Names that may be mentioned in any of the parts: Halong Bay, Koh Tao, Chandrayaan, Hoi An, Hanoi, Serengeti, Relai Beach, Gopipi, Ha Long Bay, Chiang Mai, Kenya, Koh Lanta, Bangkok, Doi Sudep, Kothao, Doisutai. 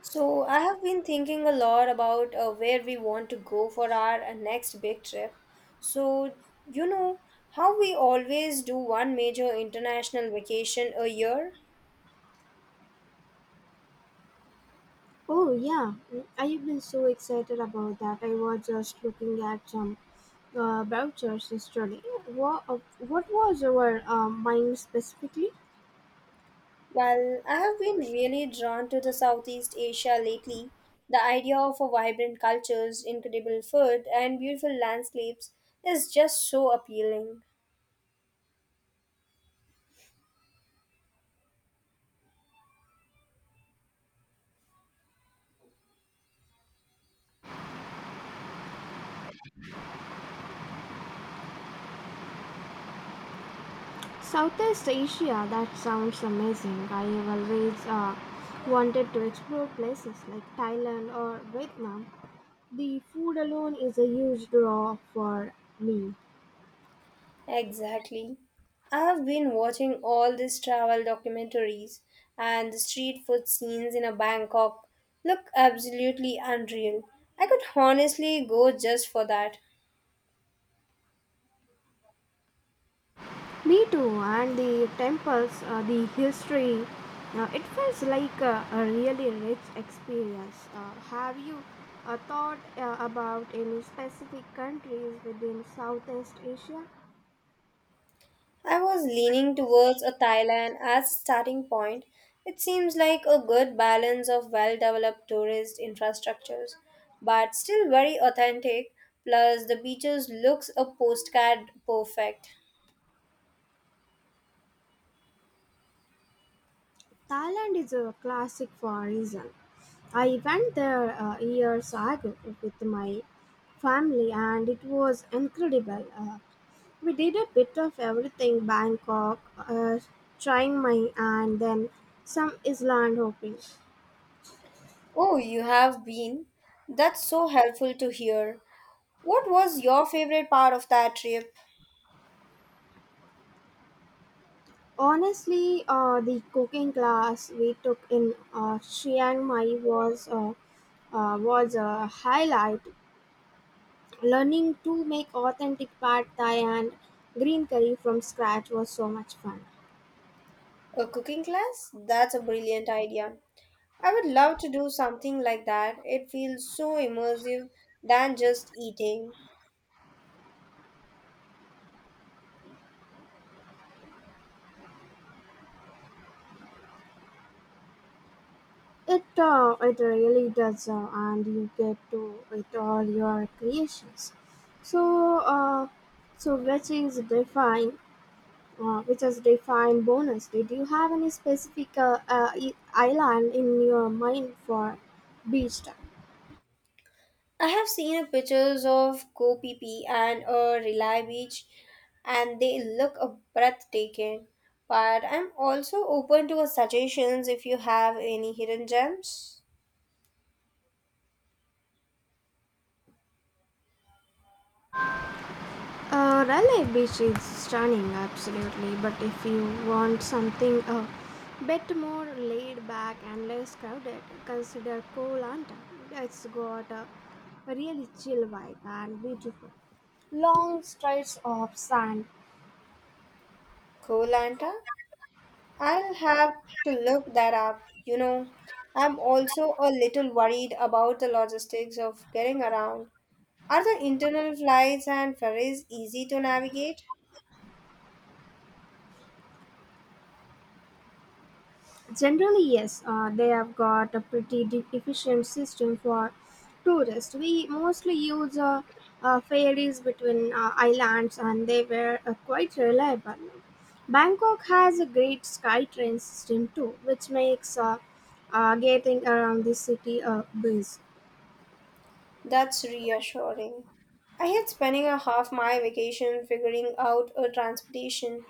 So, I have been thinking a lot about where we want to go for our next big trip. So, you know, how we always do one major international vacation a year? Oh yeah, I have been so excited about that. I was just looking at some vouchers yesterday. What was our mind specifically? Well, I have been really drawn to the Southeast Asia lately. The idea of a vibrant cultures, incredible food, and beautiful landscapes is just so appealing. Southeast Asia. That sounds amazing. I have always wanted to explore places like Thailand or Vietnam. The food alone is a huge draw for me. Exactly. I have been watching all these travel documentaries, and the street food scenes in a Bangkok look absolutely unreal. I could honestly go just for that. Me too, and the temples, the history, it feels like a really rich experience. Have you thought about any specific countries within Southeast Asia? I was leaning towards a Thailand as a starting point. It seems like a good balance of well-developed tourist infrastructures, but still very authentic. Plus, the beaches looks a postcard perfect. Thailand is a classic for a reason. I went there years ago with my family and it was incredible. We did a bit of everything Bangkok, trying my and then some island hopping. Oh, you have been? That's so helpful to hear. What was your favorite part of that trip? Honestly, the cooking class we took in Chiang Mai was was a highlight. Learning to make authentic pad thai and green curry from scratch was so much fun. A cooking class? That's a brilliant idea. I would love to do something like that. It feels so immersive than just eating. It really does, and you get to with all your creations. So uh, so which is define bonus. Did you have any specific I- island in your mind for beach time? I have seen pictures of Gopipi and a Relai Beach, and they look a breathtaking. But I'm also open to a suggestions if you have any hidden gems. Raleigh Beach is stunning, absolutely. But if you want something a bit more laid back and less crowded, consider Koh Lanta. It's got a really chill vibe and beautiful long strides of sand. Cool, Anta. I'll have to look that up. You know, I'm also a little worried about the logistics of getting around. Are the internal flights and ferries easy to navigate? Generally, yes, they have got a pretty efficient system for tourists. We mostly use ferries between islands and they were quite reliable. Bangkok has a great sky train system too, which makes getting around the city a breeze. That's reassuring. I hate spending a half my vacation figuring out a transportation.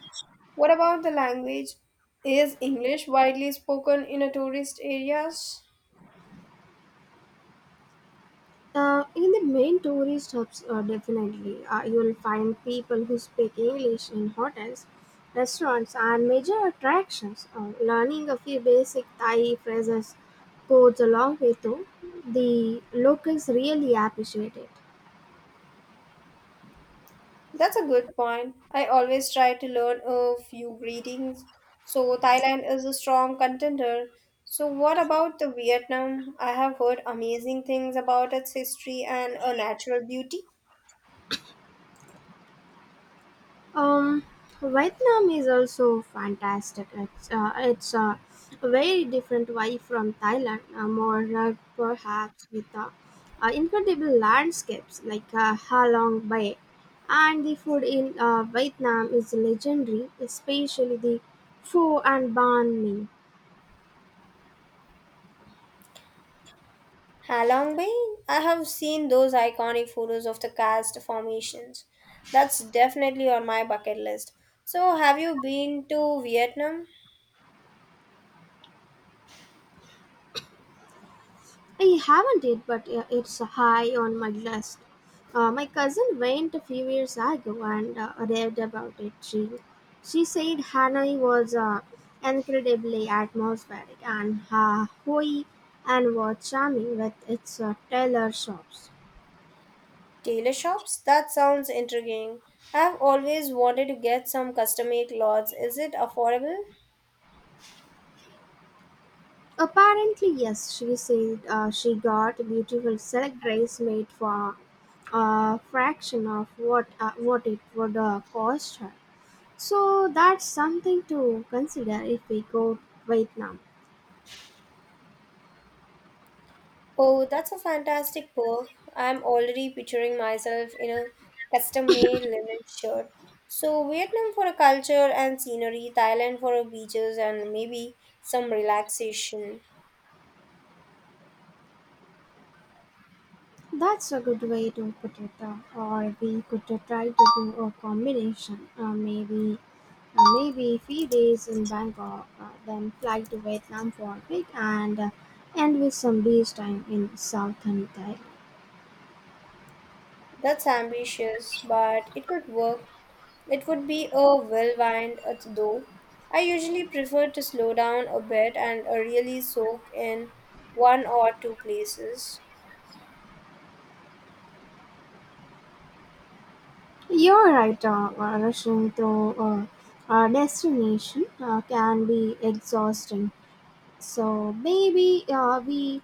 What about the language? Is English widely spoken in a tourist areas? In the main tourist hubs, definitely, you'll find people who speak English in hotels, restaurants, and major attractions. Learning a few basic Thai phrases goes a long way, though. The locals really appreciate it. That's a good point. I always try to learn a few greetings. So Thailand is a strong contender. So what about the Vietnam? I have heard amazing things about its history and a natural beauty. Um, Vietnam is also fantastic. It's a very different way from Thailand, more rugged perhaps with incredible landscapes like Ha Long Bay, and the food in Vietnam is legendary, especially the pho and banh mi. Halong Bay, I have seen those iconic photos of the karst formations. That's definitely on my bucket list. So have you been to Vietnam? I haven't it, but it's high on my list. My cousin went a few years ago and raved about it. She said Hanoi was incredibly atmospheric and Hoi and was charming with its tailor shops. Tailor shops? That sounds intriguing. I've always wanted to get some custom-made clothes. Is it affordable? Apparently, yes, she said she got beautiful silk dress made for a fraction of what it would cost her. So that's something to consider if we go Vietnam. Oh, that's a fantastic book. I'm already picturing myself in a custom made linen shirt. So, Vietnam for a culture and scenery, Thailand for a beaches and maybe some relaxation. That's a good way to put it. Or we could try to do a combination. Maybe few days in Bangkok, then fly to Vietnam for a week and end with some beach time in southern Thailand. That's ambitious, but it could work. It would be a well-wind though. I usually prefer to slow down a bit and really soak in one or two places. You're right. Rushing through a destination can be exhausting. So maybe uh, we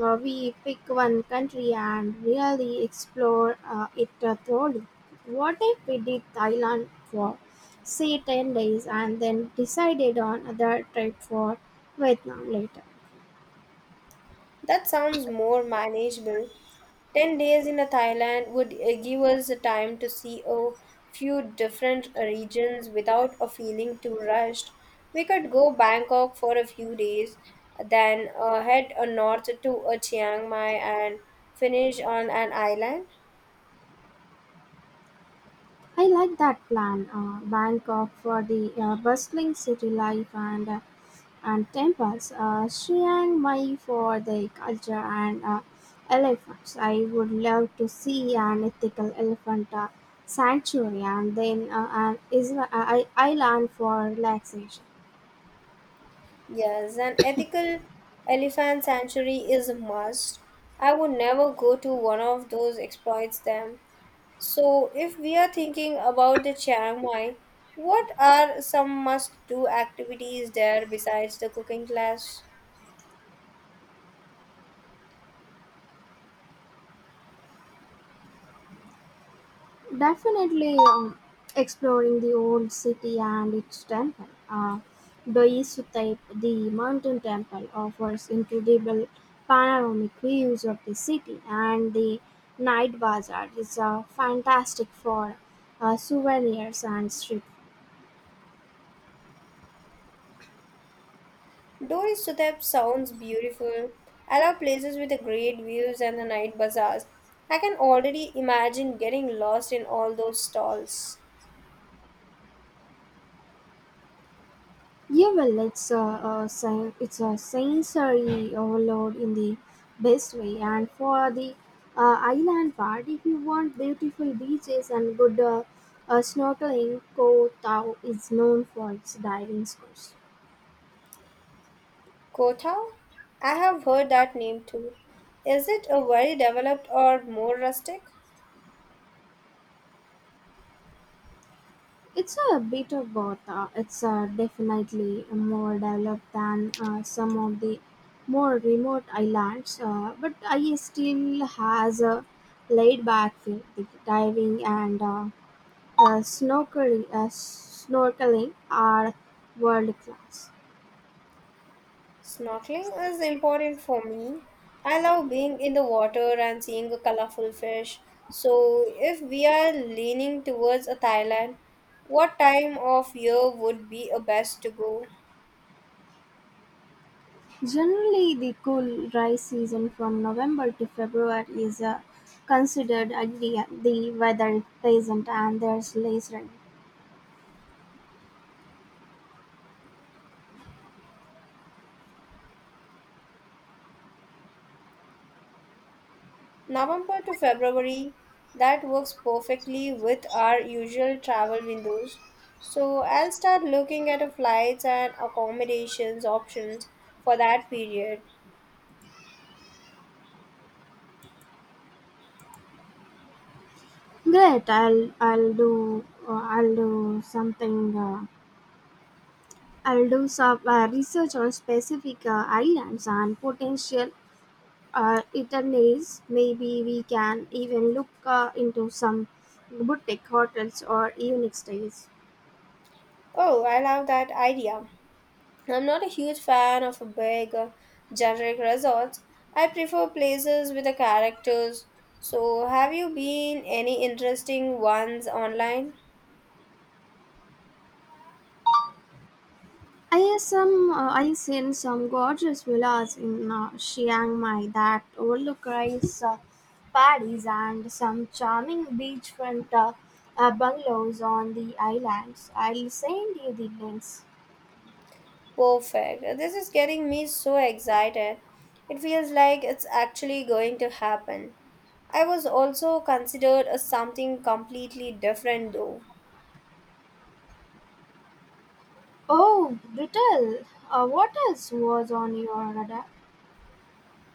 uh, we pick one country and really explore it thoroughly. What if we did Thailand for say 10 days and then decided on other trip for Vietnam later? That sounds more manageable. 10 days in a Thailand would give us the time to see a few different regions without a feeling too rushed. We could go Bangkok for a few days, then head north to Chiang Mai and finish on an island. I like that plan. Bangkok for the bustling city life and temples, Chiang Mai for the culture and elephants. I would love to see an ethical elephant sanctuary and then an island for relaxation. Yes, an ethical elephant sanctuary is a must. I would never go to one of those exploits them. So, if we are thinking about the Chiang Mai, what are some must-do activities there besides the cooking class? Definitely exploring the old city and its temple. Doisutai, the mountain temple, offers incredible panoramic views of the city, and the night bazaar is fantastic for souvenirs and street. Doi Sudep sounds beautiful. I love places with the great views and the night bazaars. I can already imagine getting lost in all those stalls. Yeah, well, it's a sensory overload in the best way. And for the island part, if you want beautiful beaches and good snorkeling, Koh Tao is known for its diving schools. Kothao? I have heard that name too. Is it a very developed or more rustic? It's a bit of both. It's definitely more developed than some of the more remote islands, but I still has a laid back feel. The diving and snorkeling are world class. Snorkeling is important for me. I love being in the water and seeing a colorful fish. So, if we are leaning towards a Thailand, what time of year would be a best to go? Generally, the cool, dry season from November to February is considered ideal. The weather is pleasant and there's less rain. November to February, that works perfectly with our usual travel windows. So, I'll start looking at a flights and accommodations options for that period. Great, I'll do something. Uh, I'll do some research on specific islands and potential itineraries. Maybe we can even look into some boutique hotels or unique stays. Oh, I love that idea. I'm not a huge fan of a big, generic resorts. I prefer places with the characters. So, have you been any interesting ones online? I have some. I seen some gorgeous villas in Chiang Mai that overlook rice paddies and some charming beachfront bungalows on the islands. I'll send you the links. Perfect. This is getting me so excited. It feels like it's actually going to happen. I was also considered a something completely different though. Oh, Brittle, what else was on your radar?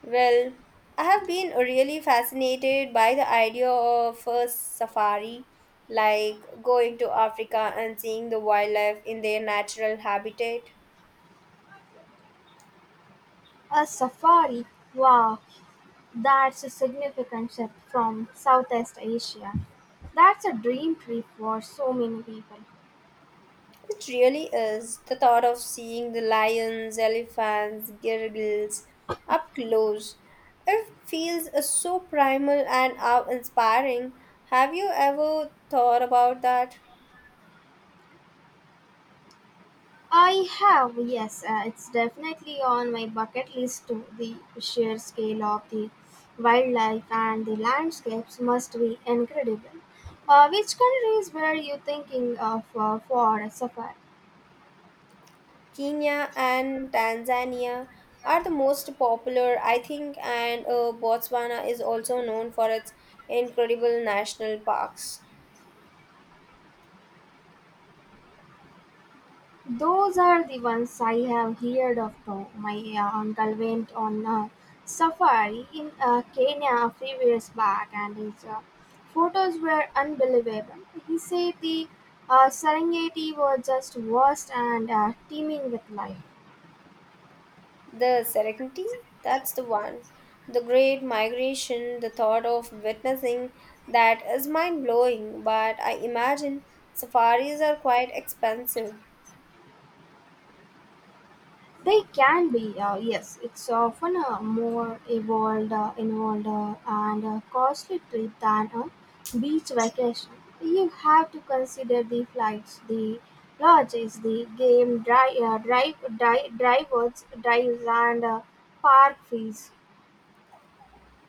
Well, I have been really fascinated by the idea of a safari, like going to Africa and seeing the wildlife in their natural habitat. A safari. Wow, that's a significant shift from Southeast Asia. That's a dream trip for so many people. It really is. The thought of seeing the lions, elephants, girgles up close. It feels so primal and awe inspiring. Have you ever thought about that? I have, yes, it's definitely on my bucket list too. The sheer scale of the wildlife and the landscapes must be incredible. Which countries were you thinking of for a safari? Kenya and Tanzania are the most popular, I think, and Botswana is also known for its incredible national parks. Those are the ones I have heard of too. My uncle went on a safari in Kenya a few years back and his photos were unbelievable. He said the Serengeti was just vast and teeming with life. The Serengeti, that's the one. The Great Migration, the thought of witnessing that is mind blowing, but I imagine safaris are quite expensive. They can be, yes. It's often a more evolved, involved, and costly trip than a beach vacation. You have to consider the flights, the lodges, the game drives, and park fees.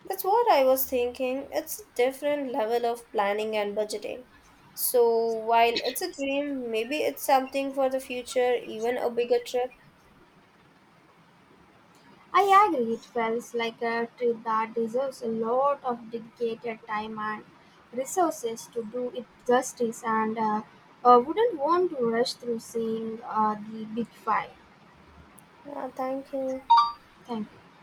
That's what I was thinking. It's a different level of planning and budgeting. So while it's a dream, maybe it's something for the future, even a bigger trip. I agree, it feels like a trip that deserves a lot of dedicated time and resources to do it justice, and wouldn't want to rush through seeing the big five. Yeah, thank you. Thank you.